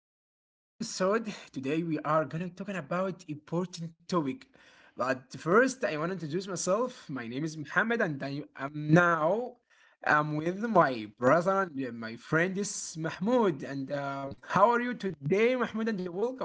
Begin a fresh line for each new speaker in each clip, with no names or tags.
to our episode. Today we are gonna talking about important topic. But first I want to introduce myself. My name is Mohammed and I am now I'm with my brother and my friend is Mahmoud. And how are you today, Mahmoud? And welcome.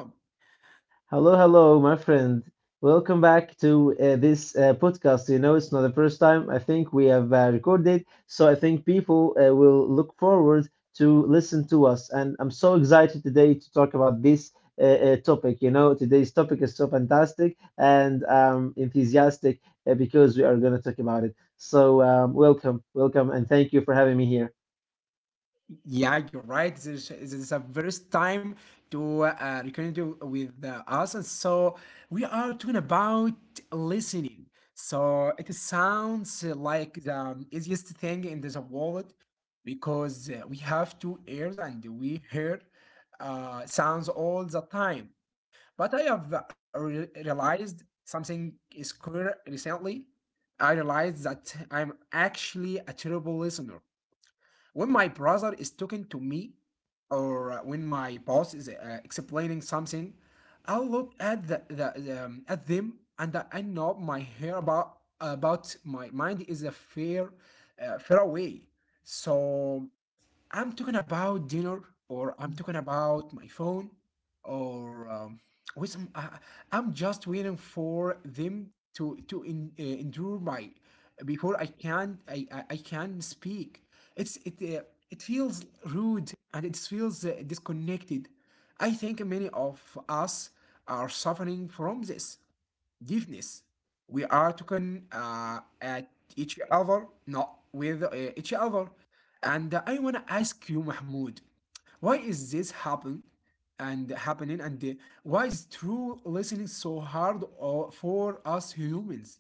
Hello, hello, my friend. Welcome back to this podcast. You know, it's not the first time I think we have recorded, so I think people will look forward to listen to us. And I'm so excited today to talk about this topic. You know, today's topic is so fantastic, and I'm enthusiastic because we are going to talk about it. So, welcome, and thank you for having me here.
Yeah, you're right. This is the first time to reconnect you with us, and so we are talking about listening. So it sounds like the easiest thing in this world because we have two ears and we hear sounds all the time. But I have realized something is clear recently. I realized that I'm actually a terrible listener when my brother is talking to me or when my boss is explaining something. I look at the at them, and I know my hair about my mind is a fair far away. So I'm talking about dinner, or I'm talking about my phone, or with some, I, I'm just waiting for them to endure my before I can I can speak. It's it uh, it feels rude and it feels disconnected. I think many of us are suffering from this deafness. We are talking at each other, not with each other. And I wanna ask you, Mahmoud, why is this happening, and why is true listening so hard for us humans?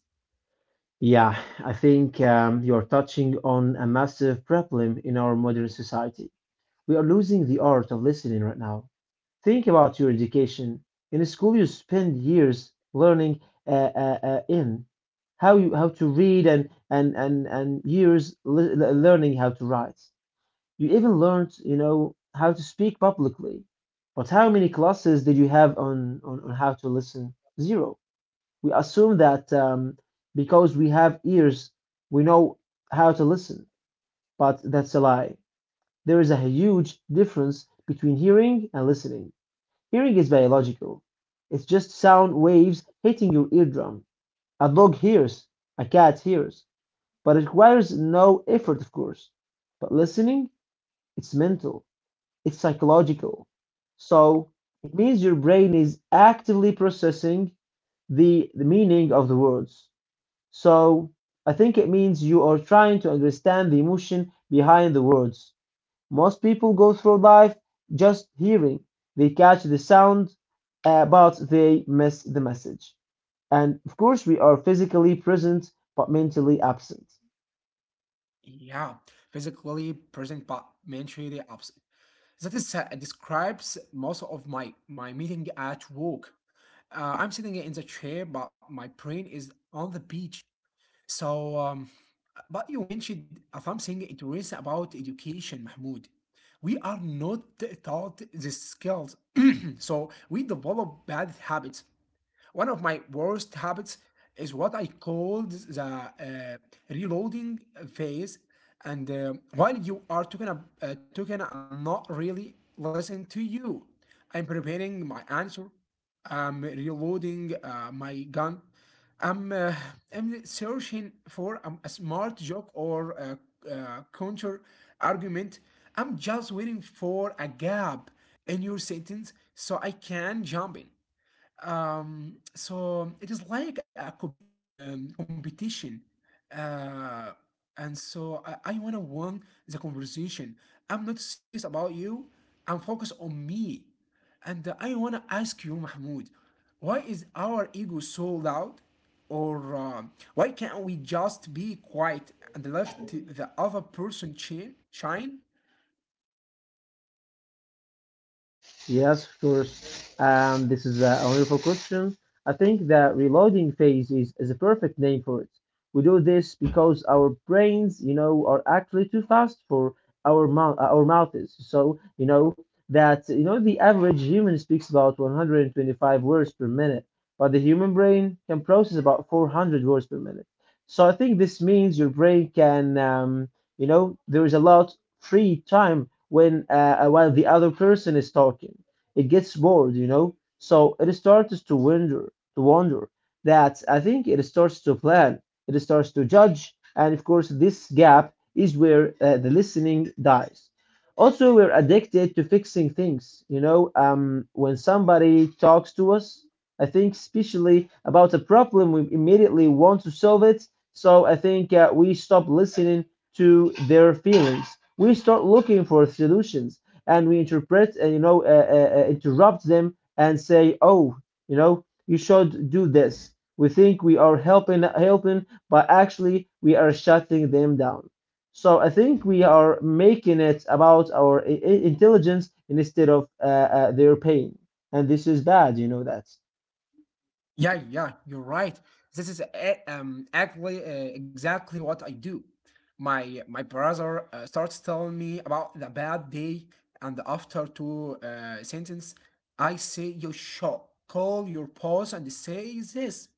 Yeah, I think you're touching on a massive problem in our modern society. We are losing the art of listening right now. Think about your education. In a school, you spend years learning in how you how to read and years learning how to write. You even learned, you know, how to speak publicly. But how many classes did you have on how to listen? Zero. We assume that because we have ears, we know how to listen, but that's a lie. There is a huge difference between hearing and listening. Hearing is biological. It's just sound waves hitting your eardrum. A dog hears, a cat hears, but it requires no effort, of course. But listening, it's mental, it's psychological. So it means your brain is actively processing the meaning of the words. So I think it means you are trying to understand the emotion behind the words. Most people go through life just hearing. They catch the sound, but they miss the message. And of course, we are physically present but mentally absent.
Yeah, physically present but mentally absent. That is describes most of my meeting at work. I'm sitting in the chair, but my brain is on the beach. So, um, but you mentioned something interesting about education, Mahmoud. We are not taught the skills, so we develop bad habits. One of my worst habits is what I called the reloading phase. And while you are talking, I'm not really listening to you. I'm preparing my answer. I'm reloading my gun. I'm, uh, I'm searching for a smart joke or a, counter argument. I'm just waiting for a gap in your sentence so I can jump in. So it is like a competition. Uh, and I want to win the conversation. I'm not serious about you. I'm focused on me. And I want to ask you, Mahmoud, why is our ego so loud? Or why can't we just be quiet and let the other person shine?
Yes, of course. This is a wonderful question. I think the reloading phase is a perfect name for it. We do this because our brains, you know, are actually too fast for our mouths. So, you know, the average human speaks about 125 words per minute, but the human brain can process about 400 words per minute. So I think this means your brain can, you know, there is a lot free time when while the other person is talking, it gets bored, you know. So it starts to wonder, to wonder. That I think it starts to plan, it starts to judge, and of course, this gap is where the listening dies. Also, we're addicted to fixing things. You know, when somebody talks to us, I think especially about a problem, we immediately want to solve it. So I think we stop listening to their feelings. We start looking for solutions and we interpret and you know interrupt them and say, "Oh, you know, you should do this." We think we are helping, but actually we are shutting them down. So I think we are making it about our intelligence instead of their pain. And this is bad, you know that.
Yeah, yeah, you're right. This is e- actually exactly what I do. My brother starts telling me about the bad day, and after two sentence, I say you should call your boss and say this,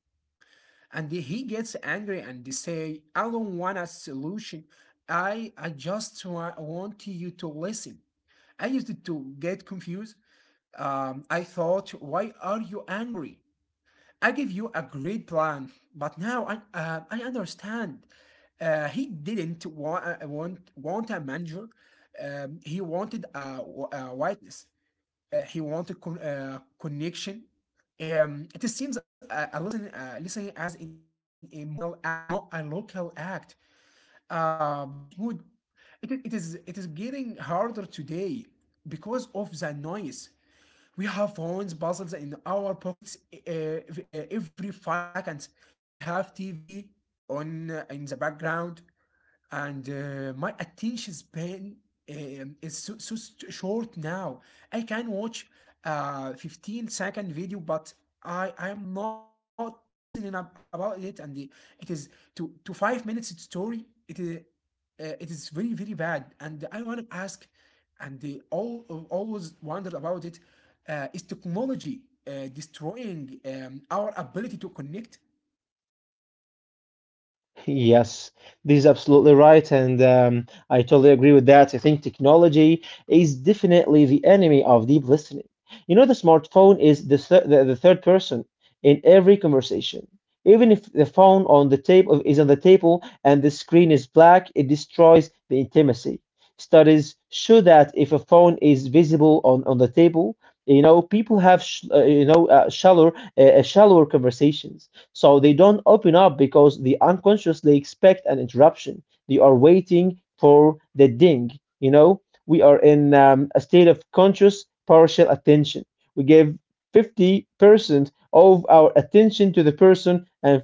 and he gets angry and say I don't want a solution. I just want you to listen. I used to get confused. I thought, why are you angry? I give you a great plan, but now I understand. He didn't want a manager. He wanted a whiteness. He wanted connection. It seems a listening as an emotional act, not a local act. But Mahmoud, it is getting harder today because of the noise. We have puzzles in our pockets every 5 seconds. We have TV on in the background, and my attention span is so short now. I can watch a 15-second video, but I am not listening about it, and the, it is to 5 minutes story. It is very very bad, and I want to ask, and they all always wondered about it. Is technology destroying our ability to connect?
Yes, this is absolutely right, and I totally agree with that. I think technology is definitely the enemy of deep listening. You know, the smartphone is the the third person in every conversation. Even if the phone on the table is on the table and the screen is black, it destroys the intimacy. Studies show that if a phone is visible on the table, you know, people have sh you know shallower shallower conversations. So they don't open up because they unconsciously expect an interruption. They are waiting for the ding. You know, we are in a state of conscious partial attention. We give 50% of our attention to the person and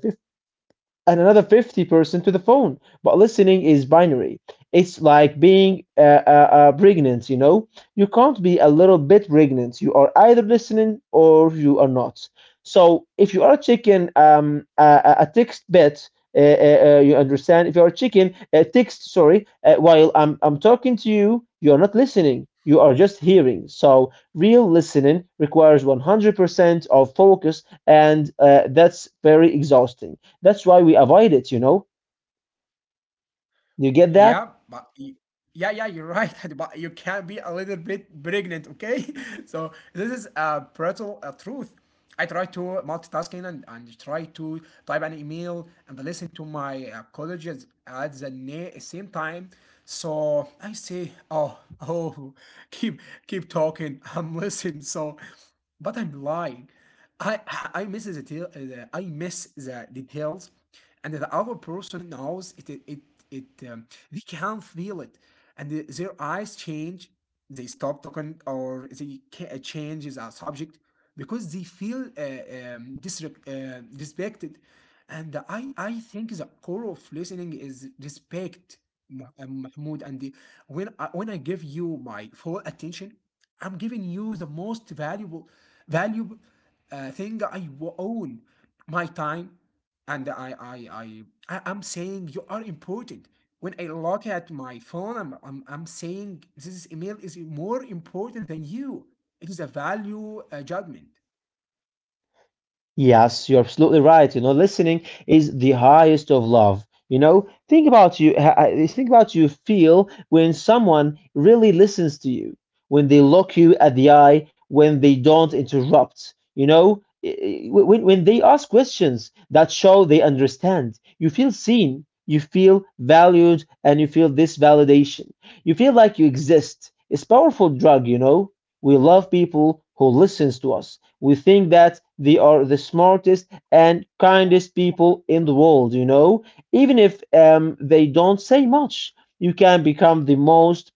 and another 50% to the phone. But listening is binary. It's like being pregnant, you know? You can't be a little bit pregnant. You are either listening or you are not. So if you are a chicken, a text bit, you understand? If you are a chicken, text, sorry, while I'm talking to you, you are not listening. You are just hearing. So real listening requires 100% of focus, and that's very exhausting. That's why we avoid it, you know. You get that?
Yeah, but y- yeah, yeah, you're right. But you can be a little bit pregnant, okay? So this is a brutal truth. I try to multitasking and try to type an email and listen to my colleagues at the same time. So I say, oh, oh, keep keep talking. I'm listening. So, but I'm lying. I I miss the details, and the other person knows it. It, um, they can feel it, and their eyes change. They stop talking or they change subject because they feel respected. And I think the core of listening is respect, Mahmoud. And the- when I, When I give you my full attention, I'm giving you the most valuable thing I own, my time, and I'm saying you are important. When I look at my phone, I'm saying this email is more important than you. It is a value judgment.
Yes, you're absolutely right. You know, listening is the highest of love. You know, think about you feel when someone really listens to you, when they look you at the eye, when they don't interrupt. You know, when they ask questions that show they understand, you feel seen, you feel valued, and you feel this validation. You feel like you exist. It's powerful drug, you know. We love people who listens to us. We think that they are the smartest and kindest people in the world, you know, even if they don't say much. You can become the most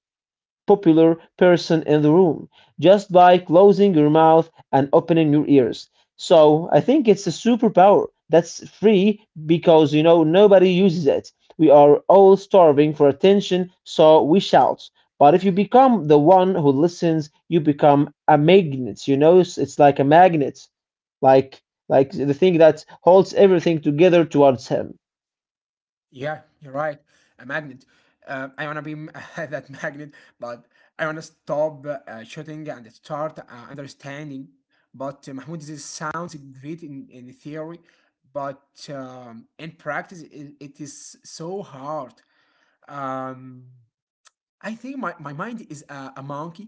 popular person in the room just by closing your mouth and opening your ears. So I think it's a superpower that's free because you know nobody uses it. We are all starving for attention, so we shout. But if you become the one who listens, you become a magnet. You know, it's like a magnet, like like the thing that holds everything together towards him.
Yeah, you're right. A magnet. I wanna be that magnet, but I wanna stop shooting and start understanding. But Mahmoud, this sounds great in theory, but in practice, it is so hard. Um, I think my mind is a monkey.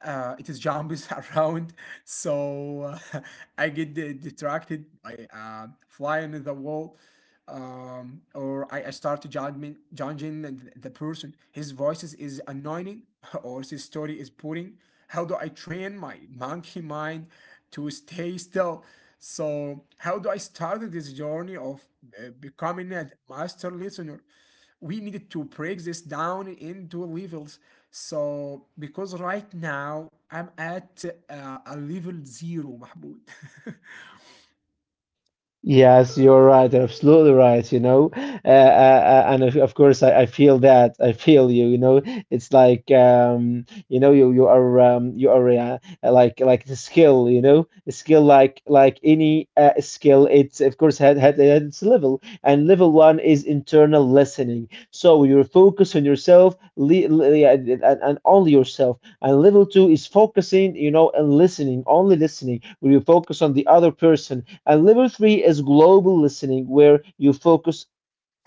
It is jumps around, so I get distracted by flying the wall or I start judging the person. His voice is annoying, or his story is boring. How do I train my monkey mind to stay still? So how do I start this journey of becoming a master listener? We needed to break this down into levels. So because right now I'm at a level zero, Mahmoud.
Yes, you're right. Absolutely right. You know, And of course, I feel that. I feel you. You know, it's like you know, you are you are like the skill. You know, a skill like any skill. It's of course had its level, and level one is internal listening. So you focus on yourself, yeah, and only yourself. And level two is focusing. You know, and listening, only listening. Where you focus on the other person and level three is global listening, where you focus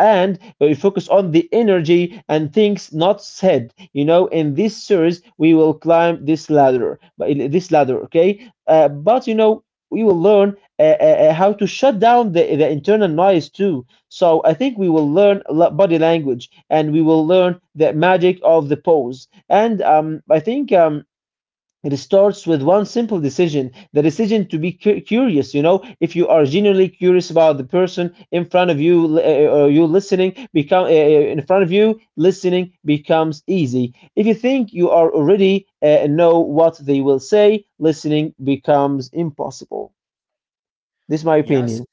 and where you focus on the energy and things not said. You know, in this series, we will climb this ladder, but okay? But you know, we will learn how to shut down the internal noise too. So I think we will learn body language and we will learn the magic of the pose. And I think it starts with one simple decision, the decision to be curious. You know, if you are genuinely curious about the person in front of you, or you listening become in front of you, listening becomes easy. If you think you are already know what they will say, listening becomes impossible. This is my opinion.
Yes,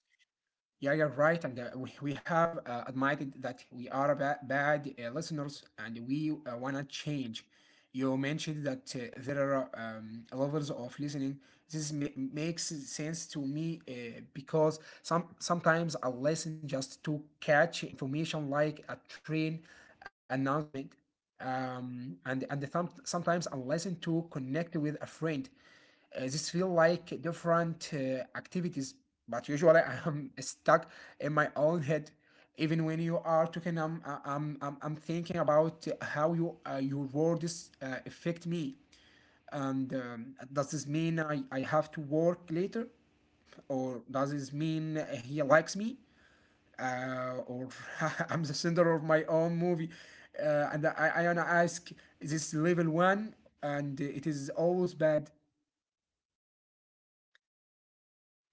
yeah, you're right. And we have admitted that we are bad listeners and we want to change. You mentioned that there are levels of listening. This makes sense to me because sometimes I listen just to catch information like a train announcement, and and sometimes I listen to connect with a friend. This feel like different activities, but usually I am stuck in my own head. Even when you are talking, I'm I- am I I'm thinking about how your words affect me. And does this mean I have to work later? Or does this mean he likes me? Or I'm the center of my own movie? And I wanna ask, is this level one? And it is always bad.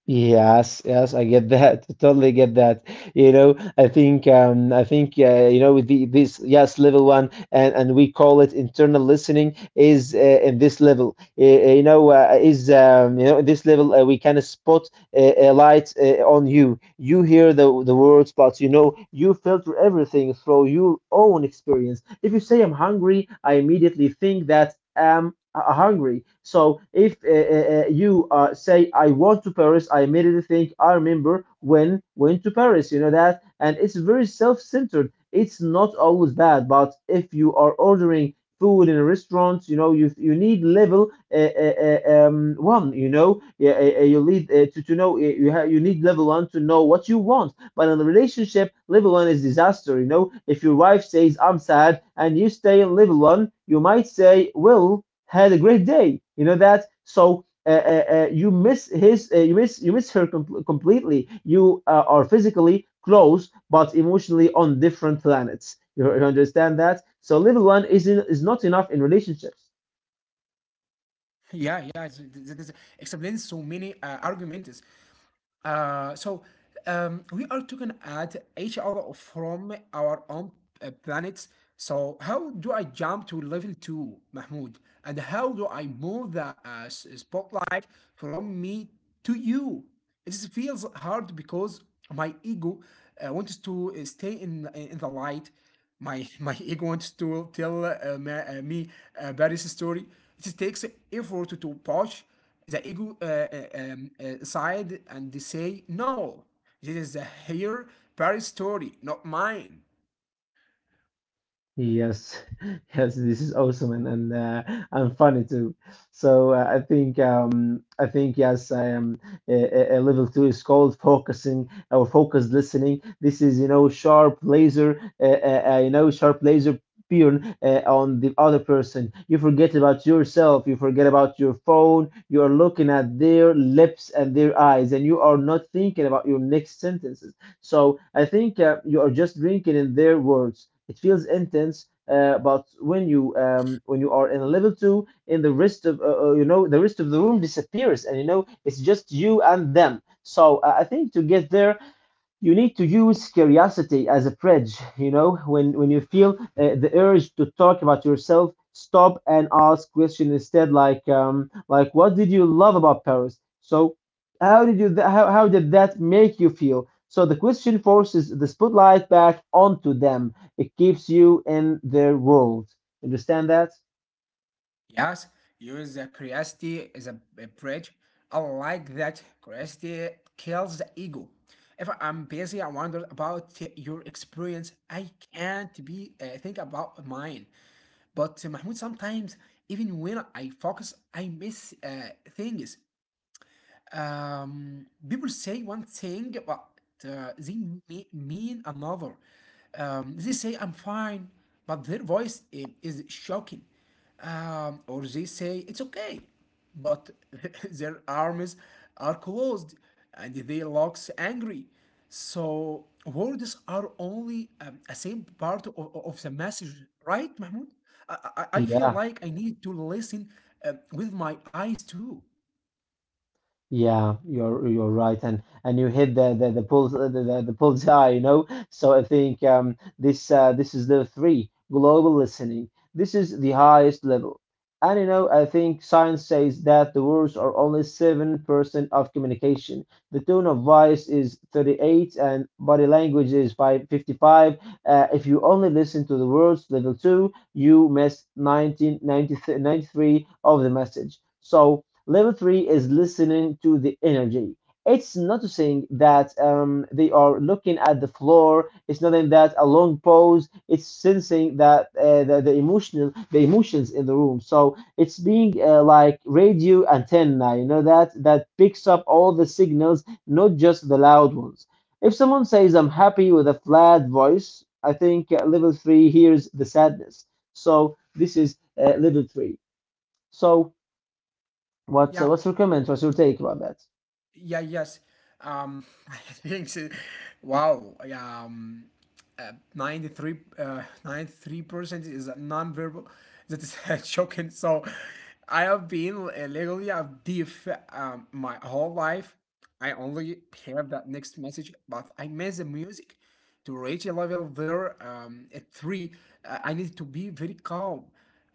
Yes, yes, I get that. Totally get that. You know, I think, you know, with the this yes level one, and we call it internal listening is in this level. You know, in this level we can spot a light on you. You hear the words, but you know, you filter everything through your own experience. If you say, I'm hungry, I immediately think that I'm hungry. So if you say, I want to Paris, I immediately think, I remember when went to Paris, you know that? And it's very self-centered. It's not always bad, but if you are ordering food in a restaurant, you know, you need level uh, uh, one. You know, yeah, you need to know you need level one to know what you want. But in a relationship, level one is disaster. You know, if your wife says I'm sad and you stay in level one, you might say, "Well, had a great day." You know that. So you miss you miss her completely. You are physically close but emotionally on different planets. You understand that? So level one is not enough in relationships.
Yeah, yeah, it explains so many arguments. So we are talking at each other from our own planets. So how do I jump to level two, Mahmoud? And how do I move the spotlight from me to you? It feels hard because my ego wants to stay in the light. My my ego wants to tell me Paris' story. It takes effort to push the ego side and they say, no, this is the her Paris story, not mine.
Yes, yes, this is awesome and funny too. So I think yes, I am a level two is called focusing or focused listening. This is you know sharp laser, you know sharp laser beam on the other person. You forget about yourself. You forget about your phone. You are looking at their lips and their eyes, and you are not thinking about your next sentences. So I think you are just drinking in their words. It feels intense, but when you are in a level two, in the rest of you know the rest of the room disappears, and you know it's just you and them. So I think to get there, you need to use curiosity as a bridge, you know, when you feel the urge to talk about yourself, stop and ask question instead, like what did you love about Paris. So how did you how did that make you feel? So the question forces the spotlight back onto them. It keeps you in their world. Understand that?
Yes, use the curiosity as a bridge. I like that curiosity kills the ego. If I'm busy, I wonder about your experience. I can't be think about mine. But Mahmoud, sometimes even when I focus, I miss things. People say one thing, but they mean another. They say, I'm fine, but their voice is shocking. Or they say, it's okay, but their arms are closed and they looks angry. So words are only a same part of, of the message, right, Mahmoud? I, I feel
Yeah.
like I need to listen with my eyes too.
Yeah, you're right, and you hit the pulls the bullseye, you know. So I think this is the three global listening. This is the highest level, and you know I think science says that the words are only 7% of communication. The tone of voice is 38, and body language is by 55. If you only listen to the words, level two, you miss nineteen ninety ninety three of the message. So. Level three is listening to the energy. It's not saying that they are looking at the floor. It's not in that a long pause. It's sensing that the emotions in the room. So it's being like radio antenna, you know that picks up all the signals, not just the loud ones. If someone says I'm happy with a flat voice, I think level three hears the sadness. So this is level three. So
Yeah.
what's your comments? What's your take about that?
Yeah, yes. I think so. Wow. Yeah. 93% is non-verbal. That is shocking. So I have been legally a diff my whole life. I only hear that next message, but I miss the music. To reach a level there at three, I need to be very calm.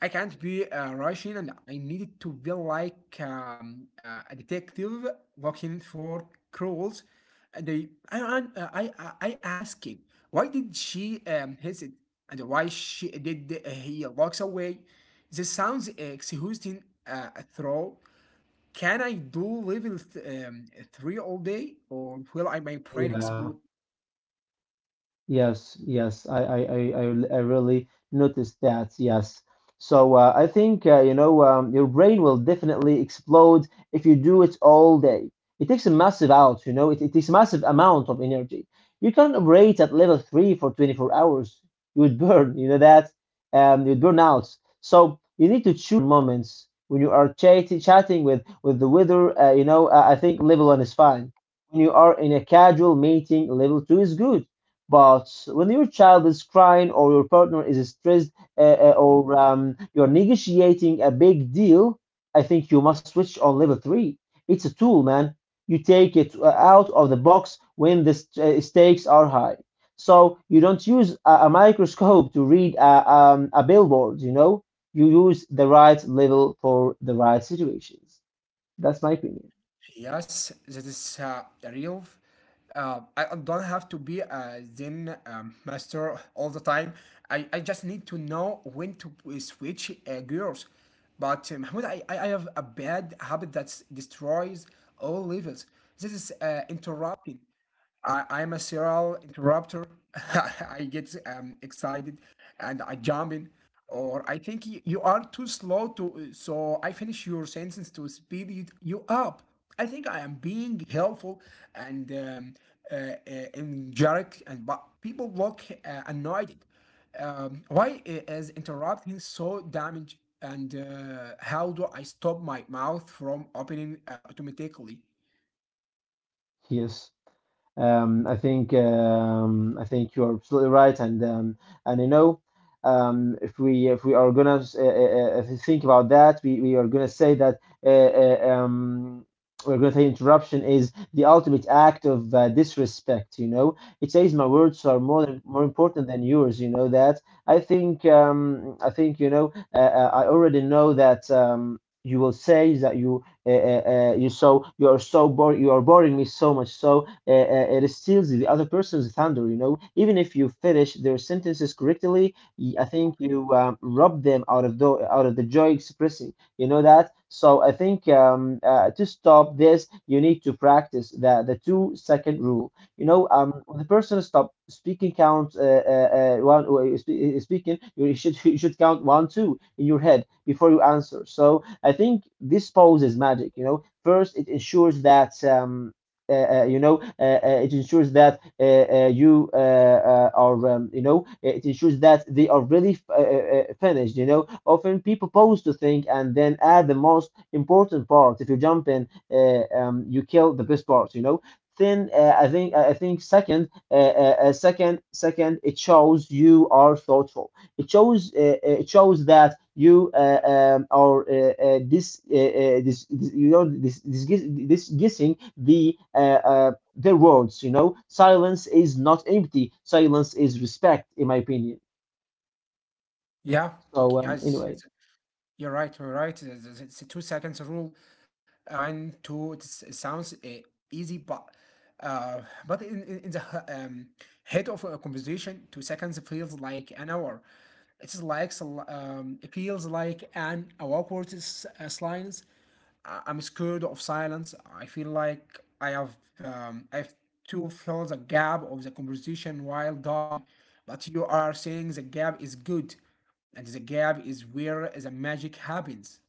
I can't be a Russian and I needed to be like a detective looking for crows. And I asked him, why did she hesitate and why she did he walks away? This sounds exhausting throw. Can I do level three all day or will my brain
Yeah.
explode?
Yes, yes, I really noticed that. Yes. So I think you know, your brain will definitely explode if you do it all day. It takes a massive out, you know, it takes a massive amount of energy. You can't operate at level three for 24 hours. You would burn, you know that? You'd burn out. So you need to choose moments when you are chatting, with the weather. You know, I think level one is fine. When you are in a casual meeting, level two is good, but when your child is crying or your partner is stressed, uh, or you're negotiating a big deal, I think you must switch on level three. It's a tool, man. You take it out of the box when the stakes are high. So you don't use a microscope to read a billboard, you know? You use the right level for the right situations. That's my opinion.
Yes, that is real. I don't have to be a Zen master all the time. I just need to know when to switch gears. But Mahmoud, I have a bad habit that destroys all levels. This is interrupting. I'm a serial interrupter. I get excited and I jump in. Or you are too slow so I finish your sentence to speed you up. I think I am being helpful and uh, uh, energetic, and but people look annoyed. Why is interrupting so damage? And how do I stop my mouth from opening automatically?
Yes. I think you are absolutely right, and you know, if we are gonna think about that, we are gonna say that uh, uh, um, we're gonna say interruption is the ultimate act of disrespect. You know, it says my words are more important than yours. You know that. I think you know. I already know that you will say that you you so you're so boring. You are boring me so much. So it steals the other person's thunder, you know, even if you finish their sentences correctly. I think you rob them out of the joy expressing, you know that. So I think to stop this you need to practice the two-second rule, you know. When the person stop speaking, count speaking, you should you should count one two in your head before you answer. So I think this pause is magic. You know, first it ensures that you know it ensures that you are you know it ensures that they are really finished. You know, often people pause to think and then add the most important part. If you jump in, you kill the best part. You know. Then I think second second it shows you are thoughtful. It shows that you are this, this this you know this guessing the words. You know, silence is not empty. Silence is respect, in my opinion.
Yeah,
So
yes,
anyway.
yes. You're right. You're right. It's a 2 seconds rule. One, two. It sounds easy, uh, but in the head of a conversation, 2 seconds feels like an hour. It feels like an awkward silence. I'm scared of silence. I feel like I have to fill the gap of the conversation while die. But you are saying the gap is good and the gap is where the magic happens.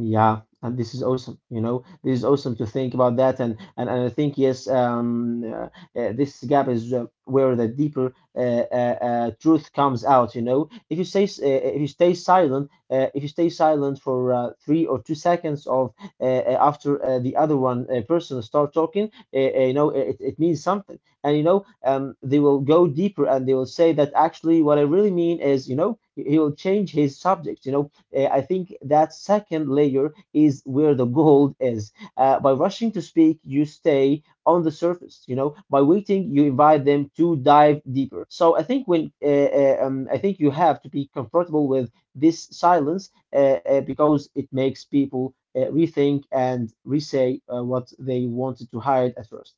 Yeah, and this is awesome. You know, this is awesome to think about that, and I think yes, this gap is where the deeper truth comes out. You know, if you stay silent for 3 or 2 seconds of after the other one person start talking, you know, it means something, and you know, they will go deeper and they will say that actually what I really mean is, you know, he will change his subject. You know, I think that second layer is where the gold is. By rushing to speak, you stay on the surface. You know, by waiting, you invite them to dive deeper. So I think you have to be comfortable with this silence because it makes people rethink and re-say what they wanted to hide at first.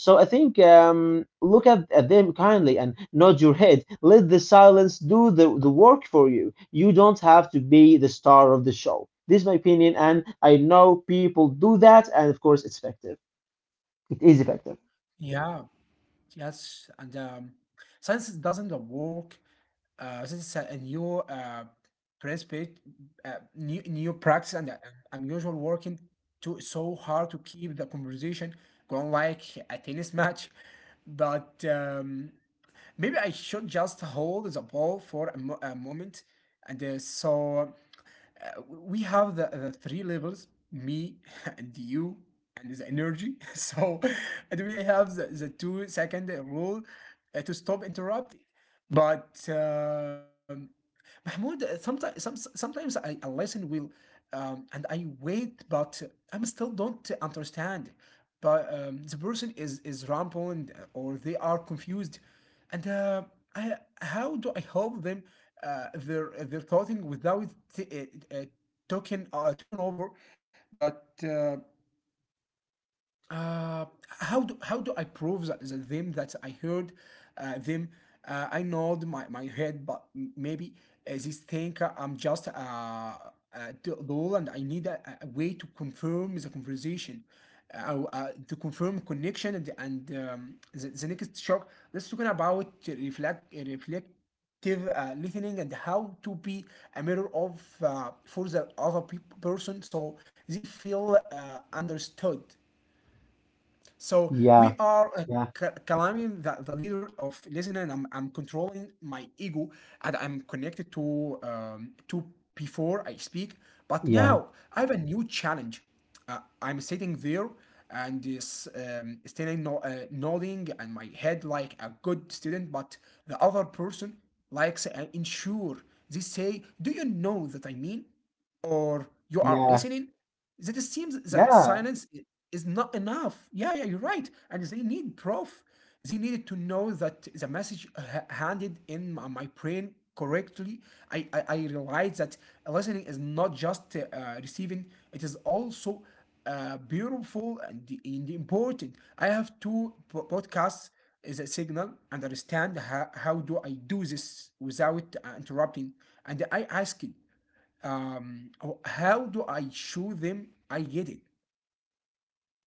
So I think look at them kindly and nod your head. Let the silence do the work for you. You don't have to be the star of the show. This is my opinion, and I know people do that, and of course, it's effective. It is effective.
Yeah, yes, and science doesn't work. This is a new perspective, new practice, and unusual working too so hard to keep the conversation going like a tennis match, but maybe I should just hold the ball for a moment, and so. We have the three levels me and you and the energy so and we have the 2 second rule to stop interrupting but Mahmoud, sometimes I listen will and I wait, but I'm still don't understand. But the person is rampant or they are confused, and I how do I help them their clothing without t- uh, uh, taking taken over? But uh, how do I prove that them that I heard them? I nod my head, but maybe this think I'm just dull and I need a way to confirm the conversation, to confirm connection and the next shock. Let's talking about reflective listening and how to be a mirror of for the other peop person so they feel understood. So we
Yeah,
are
yeah,
calaming the leader of listening. I'm controlling my ego and I'm connected to before I speak. But
yeah,
now I have a new challenge. I'm sitting there and is standing no, nodding and my head like a good student, but the other person likes ensure. They say, "Do you know that I mean?" or "You are
yeah,
listening." That it seems that
yeah.
silence is not enough. Yeah, yeah, you're right. And they need proof. They needed to know that the message handed in my brain correctly. I realized that listening is not just receiving, it is also beautiful and important. I have podcasts is a signal and understand how do I do this without interrupting. And I asked it. Um, how do I show them I get it?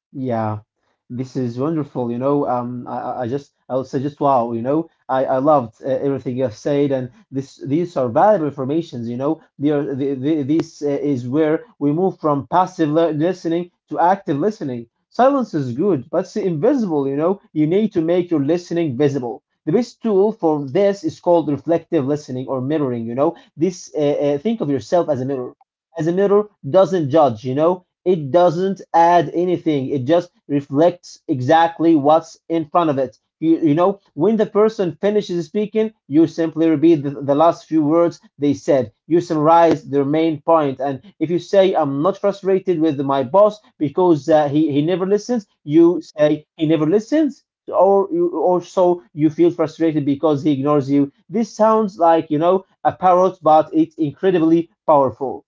Yeah, this is wonderful. You know, I would suggest wow. You know, I loved everything you have said, and this these are valuable informations. You know, they are the, this is where we move from passive listening to active listening. Silence is good, but it's invisible. You know, you need to make your listening visible. The best tool for this is called reflective listening or mirroring. You know, this think of yourself as a mirror. As a mirror doesn't judge. You know, it doesn't add anything. It just reflects exactly what's in front of it. You know, when the person finishes speaking, you simply repeat the last few words they said. You summarize their main point. And if you say, "I'm not frustrated with my boss because he never listens," you say, "He never listens." Or or so you feel frustrated because he ignores you. This sounds like, you know, a parrot, but it's incredibly powerful.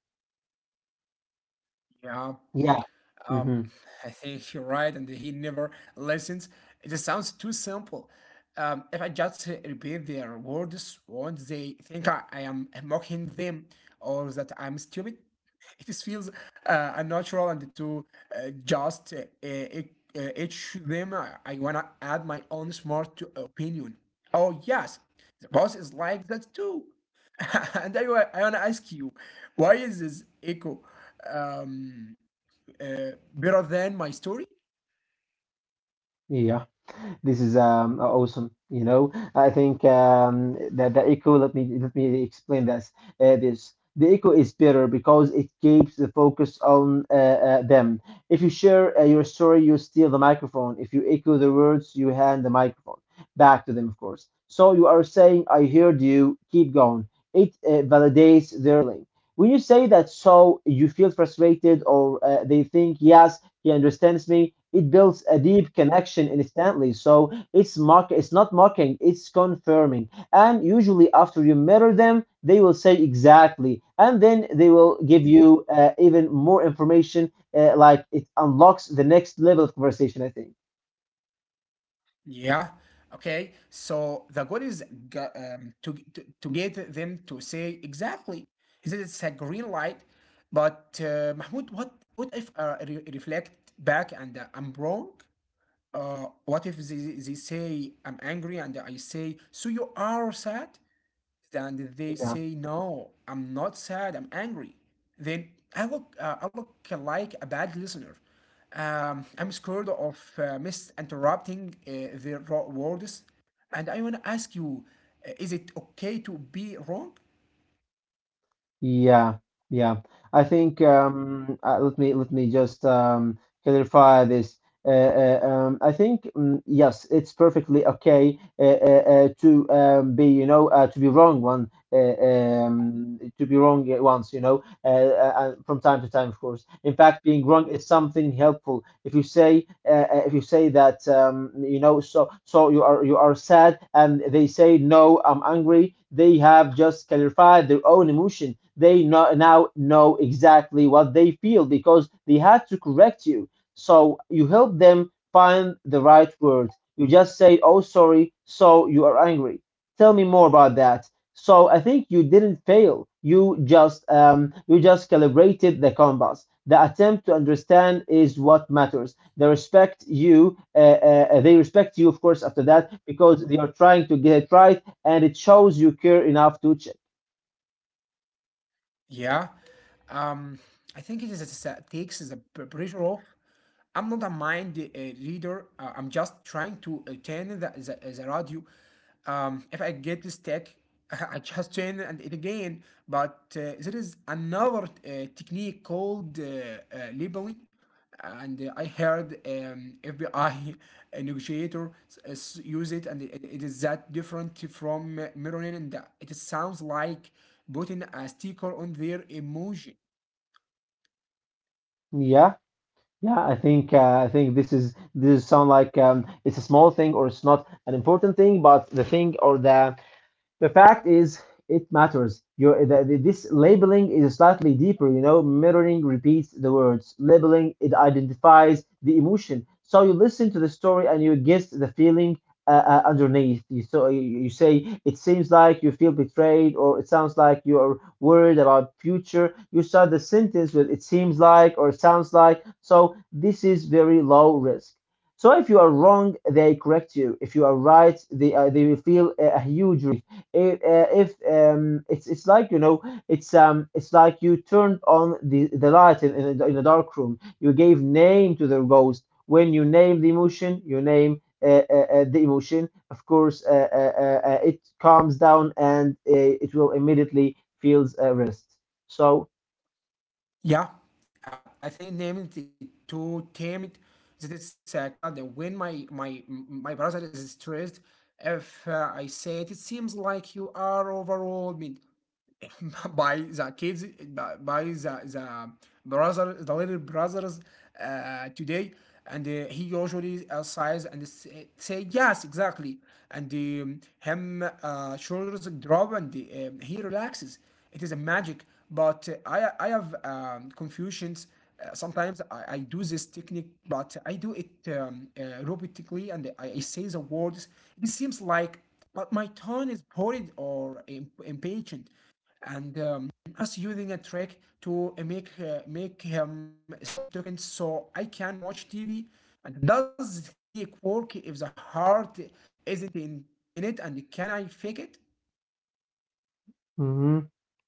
Yeah. Yeah.
Yeah. Hmm.
Um, I think you're right, and he never listens. It just sounds too simple. If I just repeat their words, won't they think I am mocking them or that I'm stupid? It just feels unnatural and to just each them. I wanna add my own smart to opinion. Oh yes, the boss is like that too. And I wanna ask you, why is this echo? Um, Better than my story?
Yeah. This is awesome. You know, I think that the echo. Let me explain this. The echo is better because it keeps the focus on them. If you share your story, you steal the microphone. If you echo the words, you hand the microphone back to them, of course. So you are saying, "I heard you." Keep going. It validates their link. When you say that, "So you feel frustrated," or they think, "Yes, he understands me," it builds a deep connection instantly. So it's it's not mocking, it's confirming. And usually after you mirror them, they will say exactly. And then they will give you even more information, like it unlocks the next level of conversation, I think.
Yeah. Okay. So the goal is to get them to say exactly is it it's a green light, but Mahmoud, what if I reflect back and I'm wrong? What if they say I'm angry and I say so you are sad? Then they
Yeah.
say, "No, I'm not sad. I'm angry." Then I look like a bad listener. I'm scared of misinterrupting their raw words, and I want to ask you, is it okay to be wrong?
Yeah, yeah. I think let me just clarify this. I think yes, it's perfectly okay to be you know to be wrong once, you know, from time to time, of course. In fact, being wrong is something helpful. If you say that you know, so you are sad, and they say, "No, I'm angry." They have just clarified their own emotion. They now know exactly what they feel because they had to correct you. So you help them find the right word. You just say, "Oh, sorry, so you are angry. Tell me more about that." So I think you didn't fail. You just calibrated the compass. The attempt to understand is what matters. They respect you. They respect you, of course, after that because they are trying to get it right, and it shows you care enough to check.
Yeah. Um, I think it is a statistics is a pretty rough. I'm not a mind reader. I'm just trying to turn the radio. If I get the stick, I just turn it and it again. But there is another technique called labeling and I heard FBI negotiator use it, and it is that different from Meronin, and that it sounds like putting a sticker on their emoji.
Yeah, yeah. I think this sound like it's a small thing or it's not an important thing, but the thing or the fact is, it matters. This labeling is slightly deeper. You know, mirroring repeats the words. Labeling it identifies the emotion. So you listen to the story and you get the feeling underneath. You so you say it seems like you feel betrayed, or it sounds like you are worried about future. You start the sentence with it seems like or it sounds like. So this is very low risk. So if you are wrong, they correct you. If you are right, they will feel a huge. If, uh, if um, it's it's like, it's like you turned on the light in a dark room. You gave name to the ghost. When you name the emotion, you name the emotion. Of course, it calms down, and it will immediately feels rest. So.
Yeah, I think named it to tame it. That it's a catcher. That when my brother is stressed, if I say it, it seems like you are overwhelmed. By the kids by the brother the little brothers today and he usually sighs and say yes exactly and him shoulders drop and he relaxes, it is a magic but I have confusions sometimes I do this technique but I do it robotically and I say the words it seems like but my tone is bored or impatient and us using a trick to make him stop talking so I can watch TV. And does the technique work if the heart isn't in it? And can I fake it?
Mhm.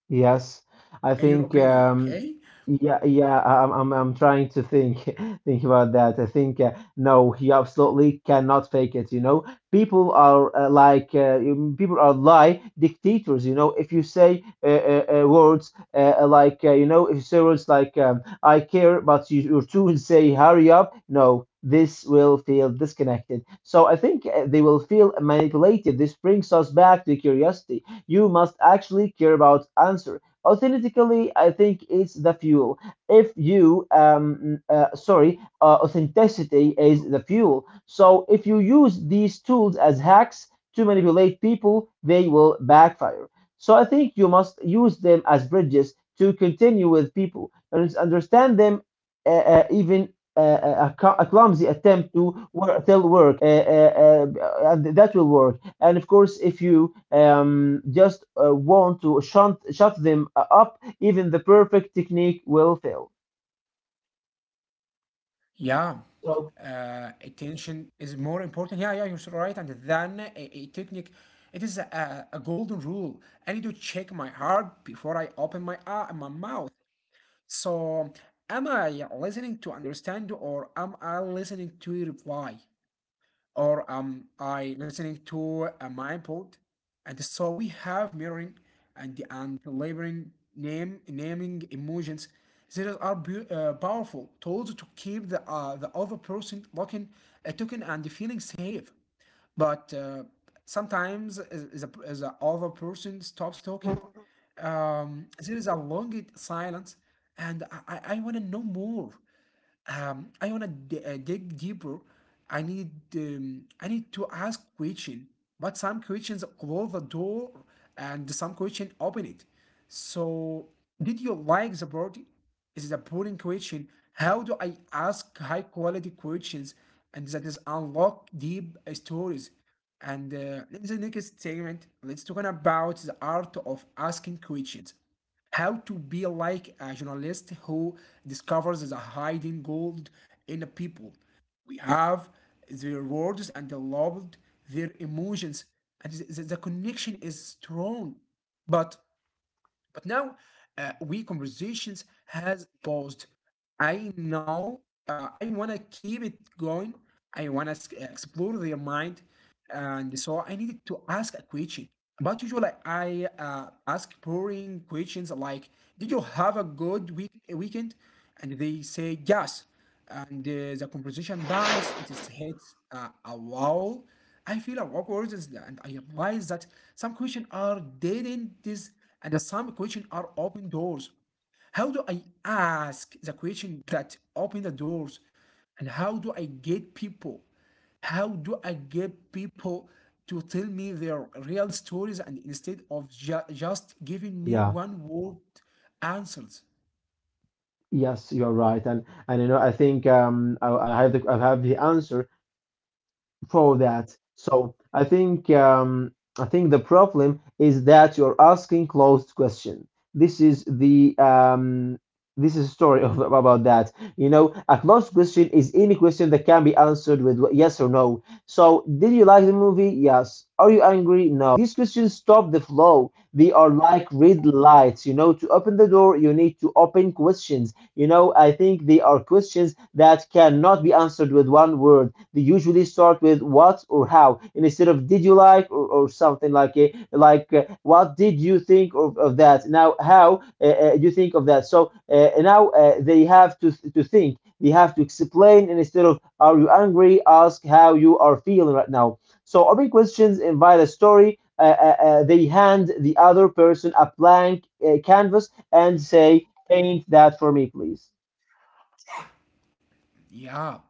Yes,
In
I
your
think
opinion, okay?
yeah, yeah. I'm trying to think, think about that. I think no, he absolutely cannot fake it. You know, people are lie dictators. You know, if you say words if you say words like "I care," but your tools say "Hurry up," no. This will feel disconnected. So I think they will feel manipulated. This brings us back to curiosity. You must actually care about answer. Authentically, I think it's the fuel. If you, Sorry, authenticity is the fuel. So if you use these tools as hacks to manipulate people, they will backfire. So I think you must use them as bridges to continue with people and it's understand them even a clumsy attempt to work, tell work, and that will work. And of course, if you just want to shut them up, even the perfect technique will fail.
Yeah.
So,
Attention is more important. Yeah, yeah, you're right. And then a technique, it is a golden rule. I need to check my heart before I open my my mouth. So, am I listening to understand or am I listening to reply? Or am I listening to my input? And so we have mirroring and labeling name naming emotions. These are powerful tools to keep the other person looking a token and feeling safe. But sometimes the other person stops talking. There is a long silence, and I want to know more I wanna dig deeper. I need I need to ask question, but some questions close the door and some question open it. So, did you like the party? Is it a boring question? How do I ask high quality questions and that is unlock deep stories? And in the next segment, let's talk about the art of asking questions. How to be like a journalist who discovers the hidden gold in the people. We have their words and the loved their emotions, and the connection is strong. But but now we conversations has paused. I know I wanna keep it going. I wanna explore their mind, and so I needed to ask a question. But usually I ask boring questions like, "Did you have a good weekend?" And they say yes and the composition dies. It is hit a wall. I feel awkward and I realize that some questions are dead ends and some questions are open doors. How do I ask the question that open the doors? And how do I get people? How do I get people to tell me their real stories and instead of just giving me
yeah,
one word answers?
yes, you're right, and I think I have the answer for that. So I think the problem is that you're asking closed question. This is the um, this is a story about that. You know, a closed question is any question that can be answered with yes or no. So, did you like the movie? Yes. Are you angry? No. These questions stop the flow. They are like red lights. You know, to open the door, you need to open questions. You know, I think they are questions that cannot be answered with one word. They usually start with what or how and instead of did you like or something like it, like what did you think of that? Now, how you think of that? So now they have to th to think. They have to explain and instead of are you angry? Ask how you are feeling right now. So open questions invite a story. They hand the other person a blank canvas and say, Paint that for me, please.
Yeah.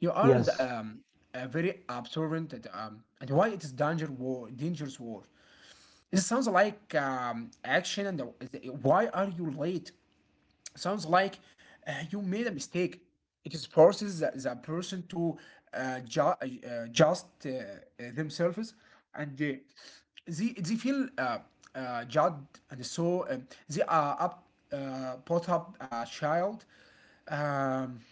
You are the,
Yes.
a very observant and why it is dangerous war. It sounds like action and why are you late? Sounds like you made a mistake. It is forces the person to ju just themselves and they feel judged and so brought up a child. Um,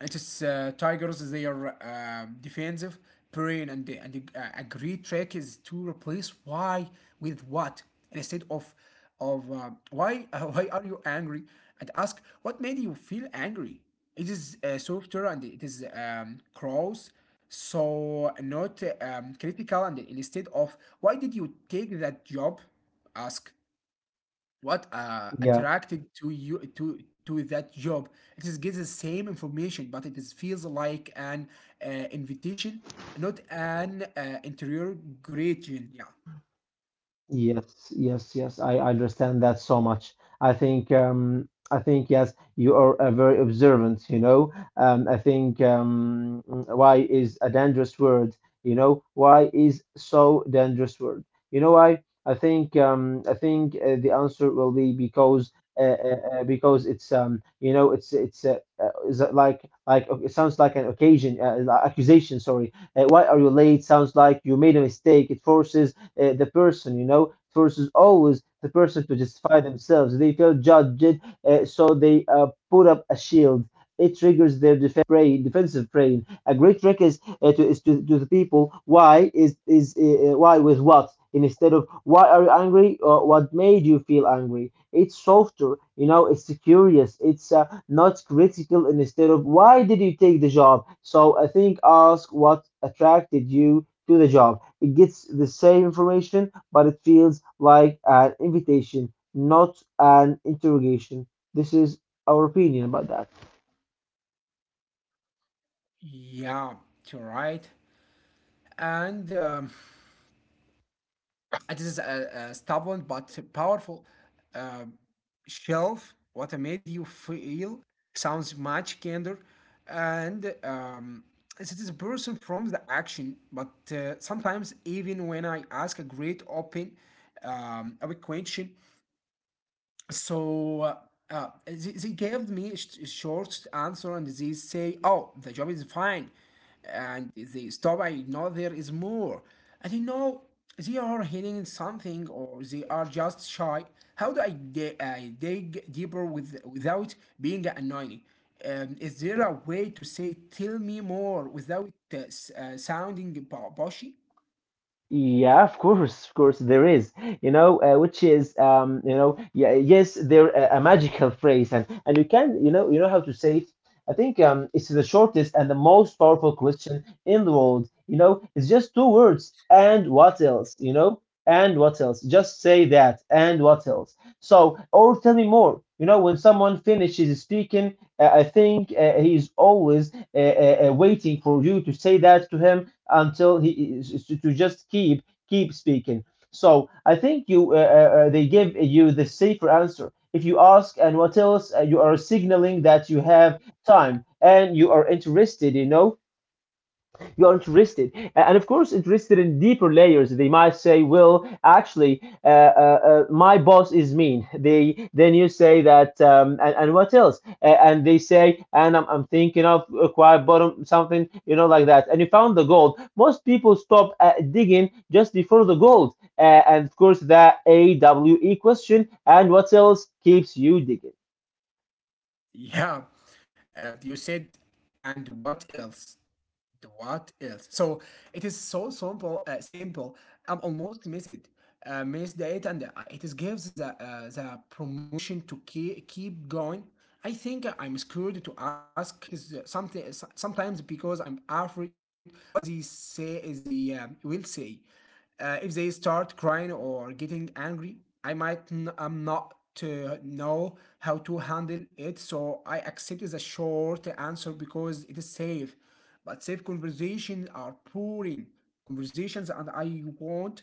it is Tigers. They are defensive, brain, and a great trick is to replace why with what instead of why why are you angry and ask what made you feel angry. It is softer and it is cross, so not critical. And instead of why did you take that job, ask what
Yeah.
attracted to you to that job it is gives the same information but it is feels like an uh, invitation not an interior gradient yeah
Yes, yes, yes. I understand that so much. I think yes, you are a very observant, you know. I think why is a dangerous word, you know? Why is so dangerous word? You know why? I think the answer will be because it's is it like okay, it sounds like an occasion accusation, sorry, why are you late sounds like you made a mistake. It forces the person, versus always the person to justify themselves. They feel judged, so they put up a shield. It triggers their brain, defensive brain. A great trick is to, the people why is why with what instead of why are you angry or what made you feel angry. It's softer, you know. It's curious. It's not critical instead of why did you take the job. So I think ask what attracted you to the job. It gets the same information, but it feels like an invitation, not an interrogation. This is our opinion about that.
yeah you're right and it is a stubborn but powerful uh, shelf. What made you feel sounds much kinder, and it is a person from the action. But sometimes, even when I ask a great open, a question, so they gave me a a short answer and they say, "Oh, the job is fine," and they stop. I know there is more, and you know they are hiding something or they are just shy. How do I get I dig deeper with without being annoying? Is there a way to say "tell me more" without sounding boshy?
Yeah, of course, there is, you know, which is, you know, yeah, yes, there a magical phrase, and you can, you know how to say it. I think it's the shortest and the most powerful question in the world. You know, it's just two words. And what else? You know, and what else? Just say that. And what else? So, or tell me more. You know, when someone finishes speaking, I think he is always waiting for you to say that to him until he to just keep speaking. So I think you they give you the safer answer. If you ask and what else, you are signaling that you have time and you are interested. You know, you are interested and of course interested in deeper layers they might say well actually my boss is mean, they then you say that and what else and they say and I'm thinking of acquire bottom something you know like that and you found the gold. Most people stop digging just before the gold and of course that awe question and what else keeps you digging.
Yeah, you said, and what else? What else? So it is so simple. Simple. I'm almost missed it. Missed it, and it is gives the promotion to keep going. I think I'm scared to ask. It is something sometimes because I'm afraid of what they say. They will say. If they start crying or getting angry, I might am not to know how to handle it, so I accept the short answer because it is safe. But safe conversations are boring conversations, and I want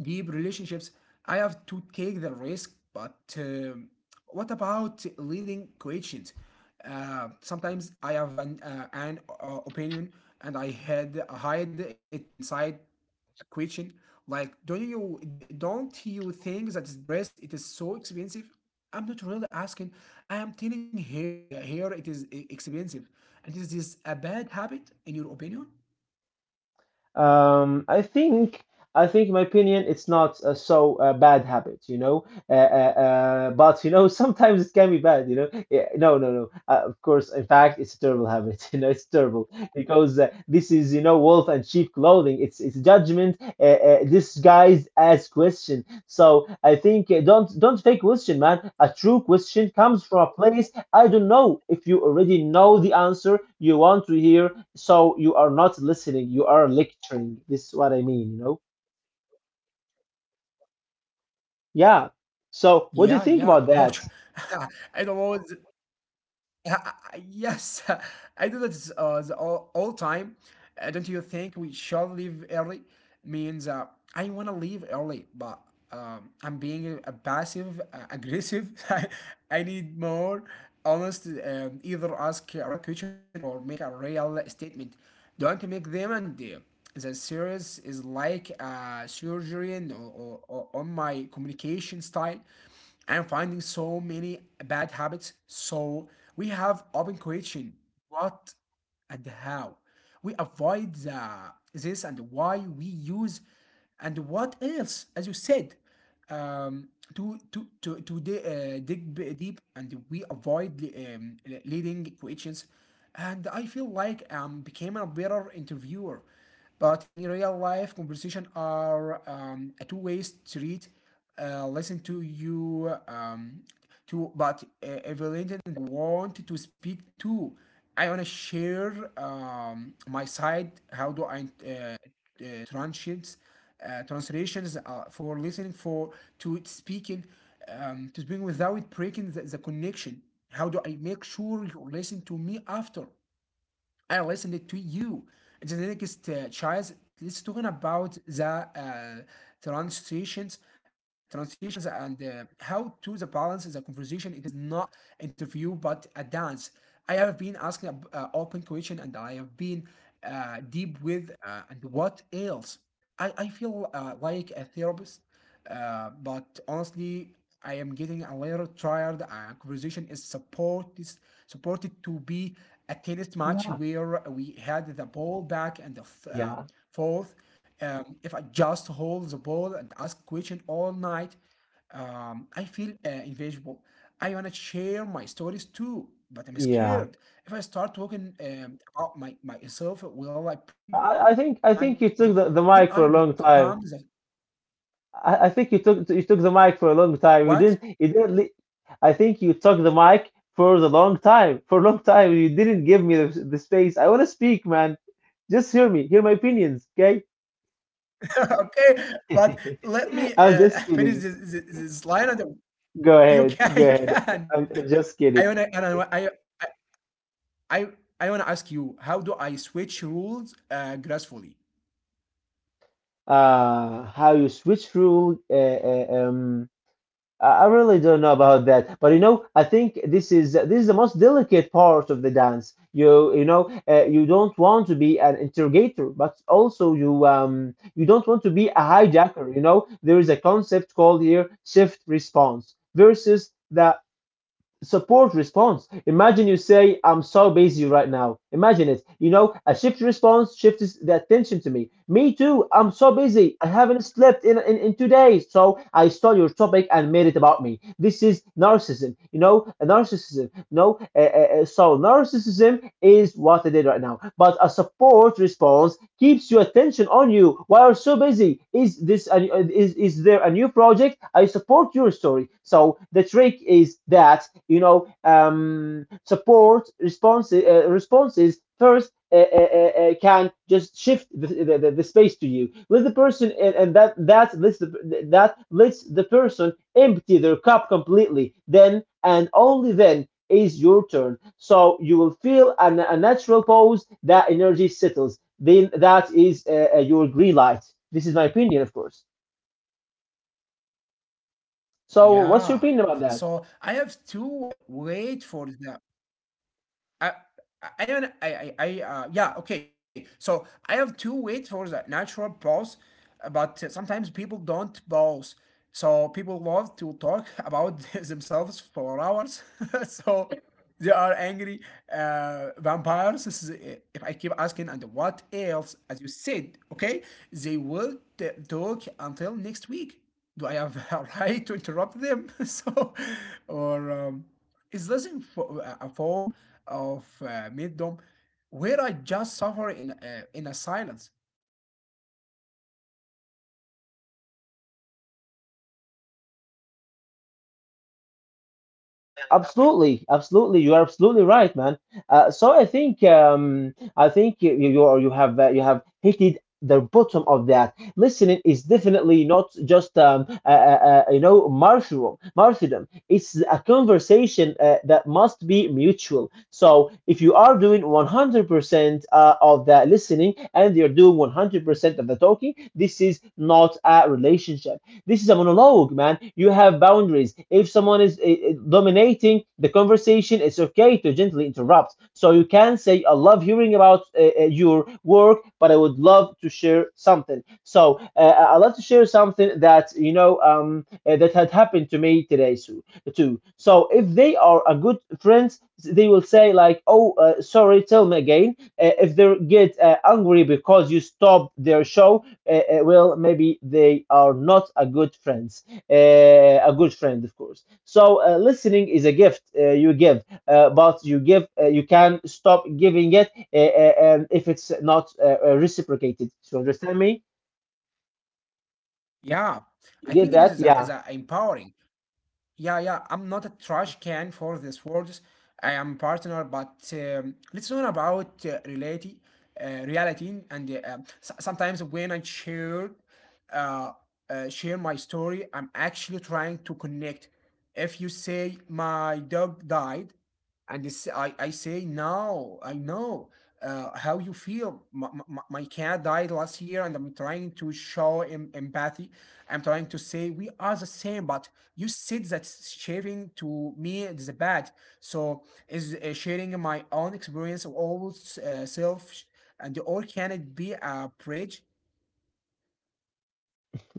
deep relationships. I have to take the risk, but what about leading questions? Sometimes I have an opinion and I had hide it inside question like do not you don't you think that this dress it is so expensive. I'm not really asking. I am telling here, here it is expensive. And is this a bad habit in your opinion?
I think, in my opinion, it's not so bad habit, you know. But you know, sometimes it can be bad, you know. Yeah, no, no, no. Of course, in fact, it's a terrible habit. You know, it's terrible because this is, you know, wolf and sheep clothing. It's judgment disguised as question. So I think don't fake question, man. A true question comes from a place I don't know if you already know the answer you want to hear, so you are not listening, you are lecturing. This is what I mean, you know? Yeah. So
yeah
what do you
yeah
think about
ouch.
that?
I don't know. Yes, I do that the all time. Don't you think we should leave early? Means I want to leave early, but I'm being a passive aggressive. I need more honest. Either ask a real question or make a real statement. Don't make them. And The series is like a surgery and, or on my communication style and finding so many bad habits. So we have open question: what and how. We avoid the, this and why. We use and what else, as you said, um, dig deep, and we avoid leading questions. And I feel like became a better interviewer, but in real life, conversation are a two-way street. Listen to you, to but evaluated, want to speak to. I want to share my side. How do I translations, translations for listening, for to speaking, to speaking without breaking the connection. How do I make sure you listen to me after I listened to you? The next choice, let's talking about the uh, transitions, transitions, and how to the balance the conversation. It is not interview but a dance. I have been asking a, open question, and I have been deep with and what else. I feel like a therapist, but honestly, I am getting a little tired. Our conversation is supported to be a tennis match
Yeah,
where we had the ball back and the
yeah,
forth. If I just hold the ball and ask question all night, I feel invisible. I wanna share my stories too, but I'm
yeah.
scared. If I start talking about my myself, will I break the
I, I
magic?
think I think you
Will
took
I
the mic
become
for a
the
long time. I think you took the mic for a long
what?
time. You didn't li- I think you took the mic for the long time. For a long time, you didn't give me the space. I want to speak, man. Just hear me. Hear my opinions, okay?
Okay, but let me
I'm just
finish
kidding.
this line. And then
Go
you
ahead,
can,
go
you
ahead.
can.
I'm just
I
kidding.
wanna, and I, I I wanna ask you, how do I switch rules gracefully?
How you switch rule? Uh, um, I really don't know about that, but you know, I think this is the most delicate part of the dance. You know, you don't want to be an interrogator, but also you don't want to be a hijacker. You know, there is a concept called here shift response versus the support response. Imagine you say, I'm so busy right now. Imagine it. You know, a shift response shifts the attention to me. Me too. I'm so busy. I haven't slept in 2 days. So I stole your topic and made it about me. This is narcissism. You know, narcissism. No, so narcissism is what I did right now. But a support response keeps your attention on you. Why are you so busy? Is there a new project? I support your story. So the trick is that you know support responses first can just shift the space to you, let the person and that lets the person empty their cup completely. Then and only then is your turn, so you will feel a natural pause, that energy settles, then that is your green light. This is my opinion, of course. So, what's your opinion
Yeah.
about that?
So I have to wait for the. I I I I, yeah, okay. So I have two ways for the natural pause, but sometimes people don't pause. So people love to talk about themselves for hours. So they are angry vampires. This is, if I keep asking and what else, as you said, okay, they will talk until next week. Do I have a right to interrupt them? So, or is this in a form of middom where I just suffer in a silence?
Absolutely, absolutely. You are absolutely right, man. So I think you have hit the bottom of that. Listening is definitely not just martyrdom. Martyrdom. It's a conversation that must be mutual. So if you are doing 100% of the listening and you're doing 100% of the talking, this is not a relationship. This is a monologue, man. You have boundaries. If someone is dominating the conversation, it's okay to gently interrupt. So you can say, I love hearing about your work, but I would love to share something. So love to share something that, that had happened to me today so, too. So if they are a good friends, they will say like, oh, sorry, tell me again. If they get angry because you stop their show, well, maybe they are not a good friends, a good friend, of course. So listening is a gift you give, but you can stop giving it if it's not reciprocated. So understand me?
Yeah, I
You
think
get
it
that?
is is
Yeah.
a empowering. Yeah, yeah, I'm not a trash can for these words. I am partner, but let's learn about reality, reality, and sometimes when I share, uh, share my story, I'm actually trying to connect. If you say my dog died, and it's- I say no, I know how you feel. My cat died last year, and I'm trying to show empathy. I'm trying to say we are the same, but you said that sharing to me is bad. So is sharing my own experience of all uh, self sh- and or can it be a bridge?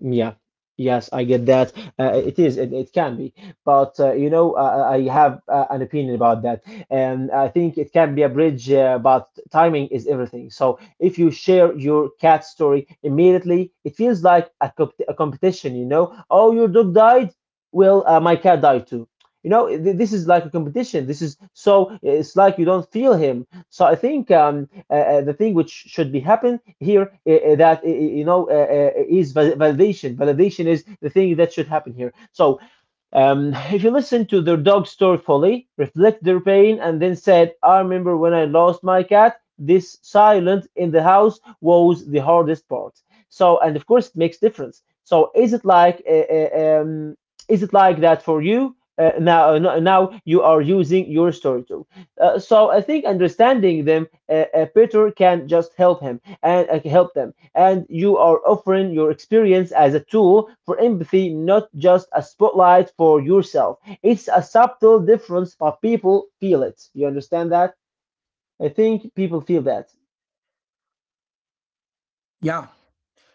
Yeah, yes, I get that. It is, it can be, but I have an opinion about that, and I think it can be a bridge. But timing is everything. So if you share your cat story immediately, it feels like a competition. You know, oh, your dog died. Well, my cat died too. You know, this is like a competition. This is so it's like you don't feel him. So I think the thing which should be happen here that is validation is the thing that should happen here. So if you listen to their dog's story fully, reflect their pain, and then said, I remember when I lost my cat, this silence in the house was the hardest part. So, and of course, it makes difference. So, is it like that for you? Now, no- Now you are using your story too. So I think understanding them better can just help him and help them, and you are offering your experience as a tool for empathy, not just a spotlight for yourself. It's a subtle difference, but people feel it. You understand that? I think people feel that.
Yeah.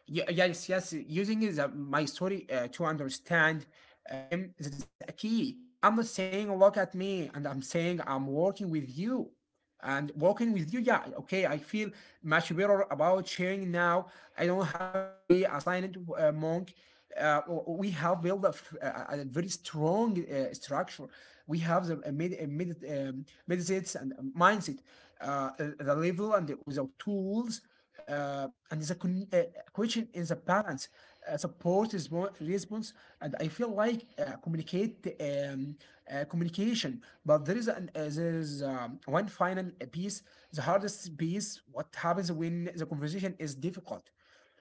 Yes, yes, using the, my story to understand them, that is a key. I'm not saying look at me, and I'm saying I'm working with you and working with you. Yeah, okay, I feel much better about sharing now. I don't have to be assigned monk. Uh, we have built a very strong structure. We have the meditates and mindset, level and the, with the tools, uh, and the con- uh, question is the balance, support is more response, and I feel like communicate communication. But there is there is one final piece, the hardest piece. What happens when the conversation is difficult?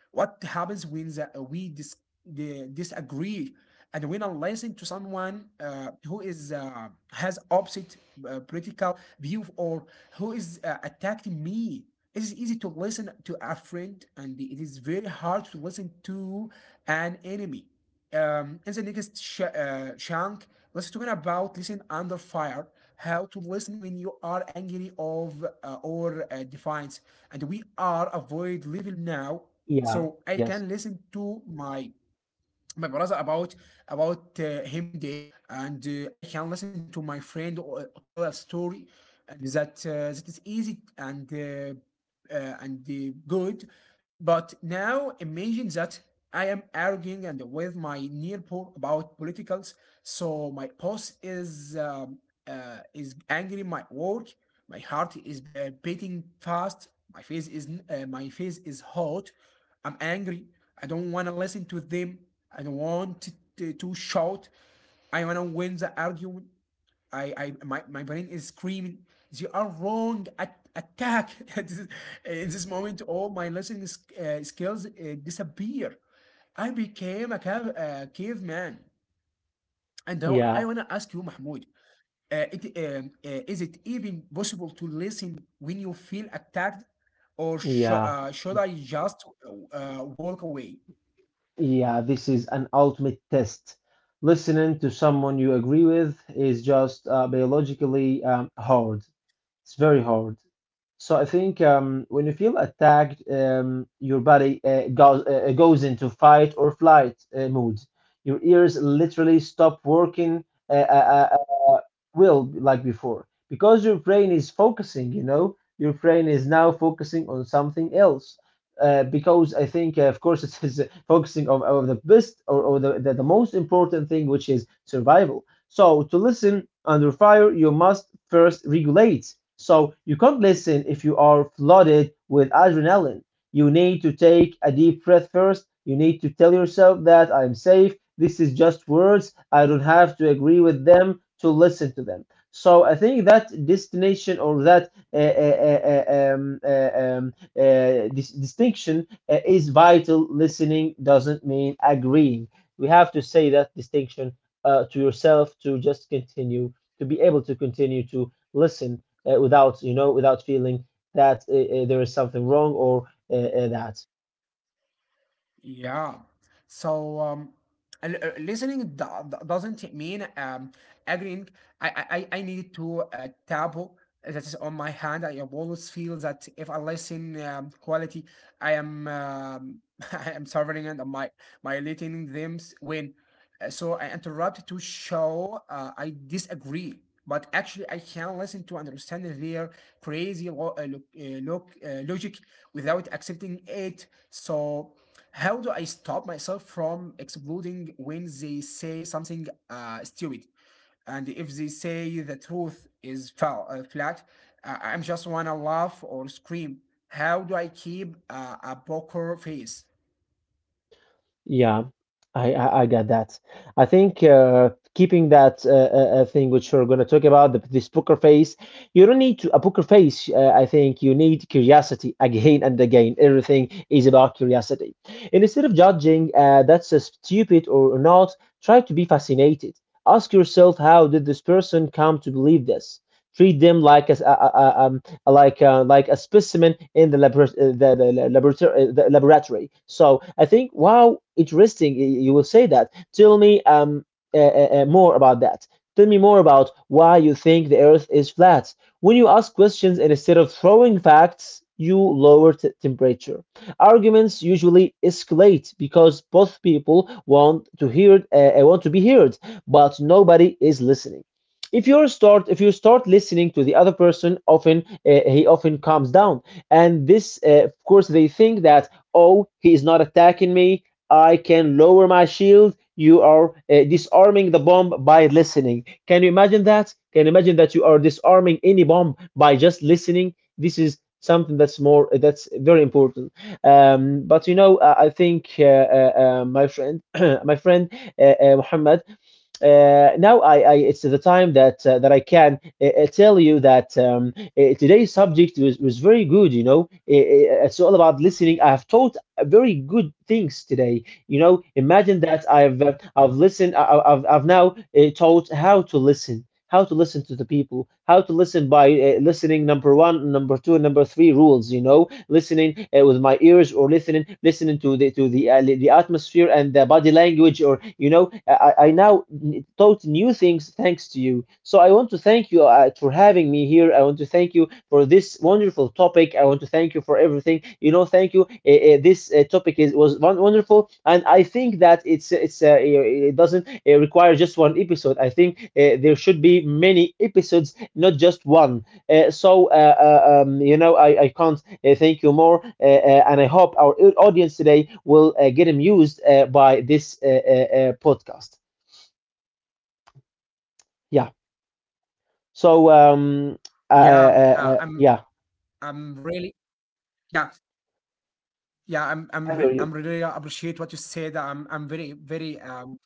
What happens when we disagree? And when I listen to someone who is has opposite political view, or who is attacking me, it is easy to listen to a friend, and it is very hard to listen to an enemy. In the next chunk, let's talk about listen under fire, how to listen when you are angry of or defiance, and we are avoid level now
Yeah,
so I
yes,
can listen to my my brother about him day, and I can listen to my friend or tell a story, and that is easy and good. But now imagine that I am arguing and with my neighbor about politicals. So my boss is angry. My work, my heart is beating fast. My face is my face is hot. I'm angry. I don't want to listen to them. I don't want to shout. I want to win the argument. I my, my brain is screaming. They are wrong. At, attack. In this moment, all my listening skills disappear. I became a cave, caveman. And now
yeah,
I want to ask you, Mahmoud, uh, it, is it even possible to listen when you feel attacked, or
yeah.
should I just walk away?
Yeah, this is an ultimate test. Listening to someone you agree with is just biologically hard. It's very hard. So I think when you feel attacked, your body goes into fight or flight mode. Your ears literally stop working uh, uh, uh, uh, well like before, because your brain is focusing. You know, your brain is now focusing on something else because I think, of course, it is focusing on the best or the most important thing, which is survival. So, to listen under fire, you must first regulate. So, you can't listen if you are flooded with adrenaline. You need to take a deep breath first. You need to tell yourself that I'm safe. This is just words. I don't have to agree with them to listen to them. So, I think that destination or that uh, um, uh, um, this distinction is vital. Listening doesn't mean agreeing. We have to say that distinction to yourself to just continue to be able to continue to listen without, you know, without feeling that there is something wrong or that.
Yeah. So listening doesn't mean agreeing. I need to taboo that is on my hand. I always feel that if I listen quality, I am I am suffering and my letting them win. So I interrupt to show I disagree. But actually, I can listen to understand their crazy look, logic without accepting it. So how do I stop myself from exploding when they say something stupid? And if they say the truth is foul, flat, I'm just wanna laugh or scream. How do I keep a poker face?
Yeah, I got that. I think keeping that thing which we're going to talk about, this poker face, you don't need to, a poker face. I think you need curiosity again and again. Everything is about curiosity. And instead of judging that's stupid or not, try to be fascinated. Ask yourself, how did this person come to believe this? Treat them like like a specimen in the, labor- the, laboratory, the laboratory. So I think wow, interesting. You will say that. Tell me more about that. Tell me more about why you think the Earth is flat. When you ask questions and instead of throwing facts, you lower temperature. Arguments usually escalate because both people want to hear want to be heard, but nobody is listening. If you start if you start listening to the other person, often he often calms down, and this, of course, they think that, oh, he is not attacking me, I can lower my shield. You are disarming the bomb by listening. Can you imagine that? Can you imagine that you are disarming any bomb by just listening? This is something that's more, that's very important. But, you know, I think my friend my friend Muhammad, now I it's the time that that I can tell you that today's subject was very good. You know, it's all about listening. I have taught very good things today. You know, imagine that I've listened. I've now taught how to listen. How to listen to the people, how to listen by listening number one, number two, and number three rules, you know, listening with my ears or listening to the atmosphere and the body language. Or, you know, I now taught new things thanks to you. So I want to thank you for having me here. I want to thank you for this wonderful topic. I want to thank you for everything. You know, thank you. This topic is was wonderful, and I think that it's it doesn't require just one episode. I think there should be many episodes, not just one. You know, I can't thank you more, and I hope our audience today will get amused by this podcast. Yeah. So
Yeah, I'm.
yeah.
I'm really. Yeah, Yeah, I'm
I hear
re-
you.
I'm really appreciate what you said. I'm very very um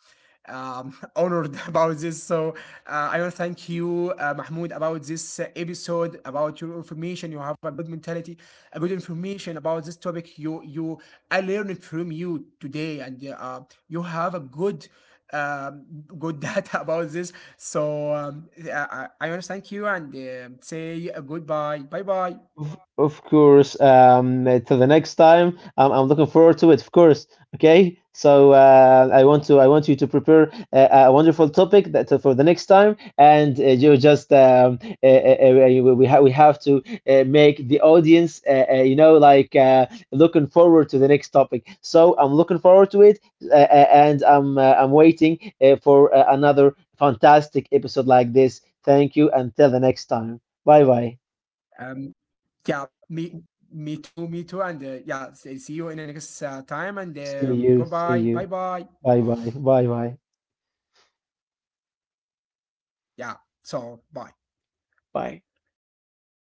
um honored about this. So I want to thank you, Mahmoud, about this episode, about your information. You have a good mentality, a good information about this topic. You I learned from you today, and you have a good um good data about this. I want to thank you, and say goodbye, bye bye.
Of course. Till the next time, I'm looking forward to it. Of course. Okay. So I want you to prepare a wonderful topic that for the next time, and you just we have to make the audience you know, like looking forward to the next topic. So I'm looking forward to it, and I'm waiting for another fantastic episode like this. Thank you. Until the next time. Bye bye.
Um, yeah, me too, me too. And yeah, see you in the next time. And
See you. See
goodbye, bye
you.
bye.
Bye bye. Bye bye.
Yeah, so bye.
Bye.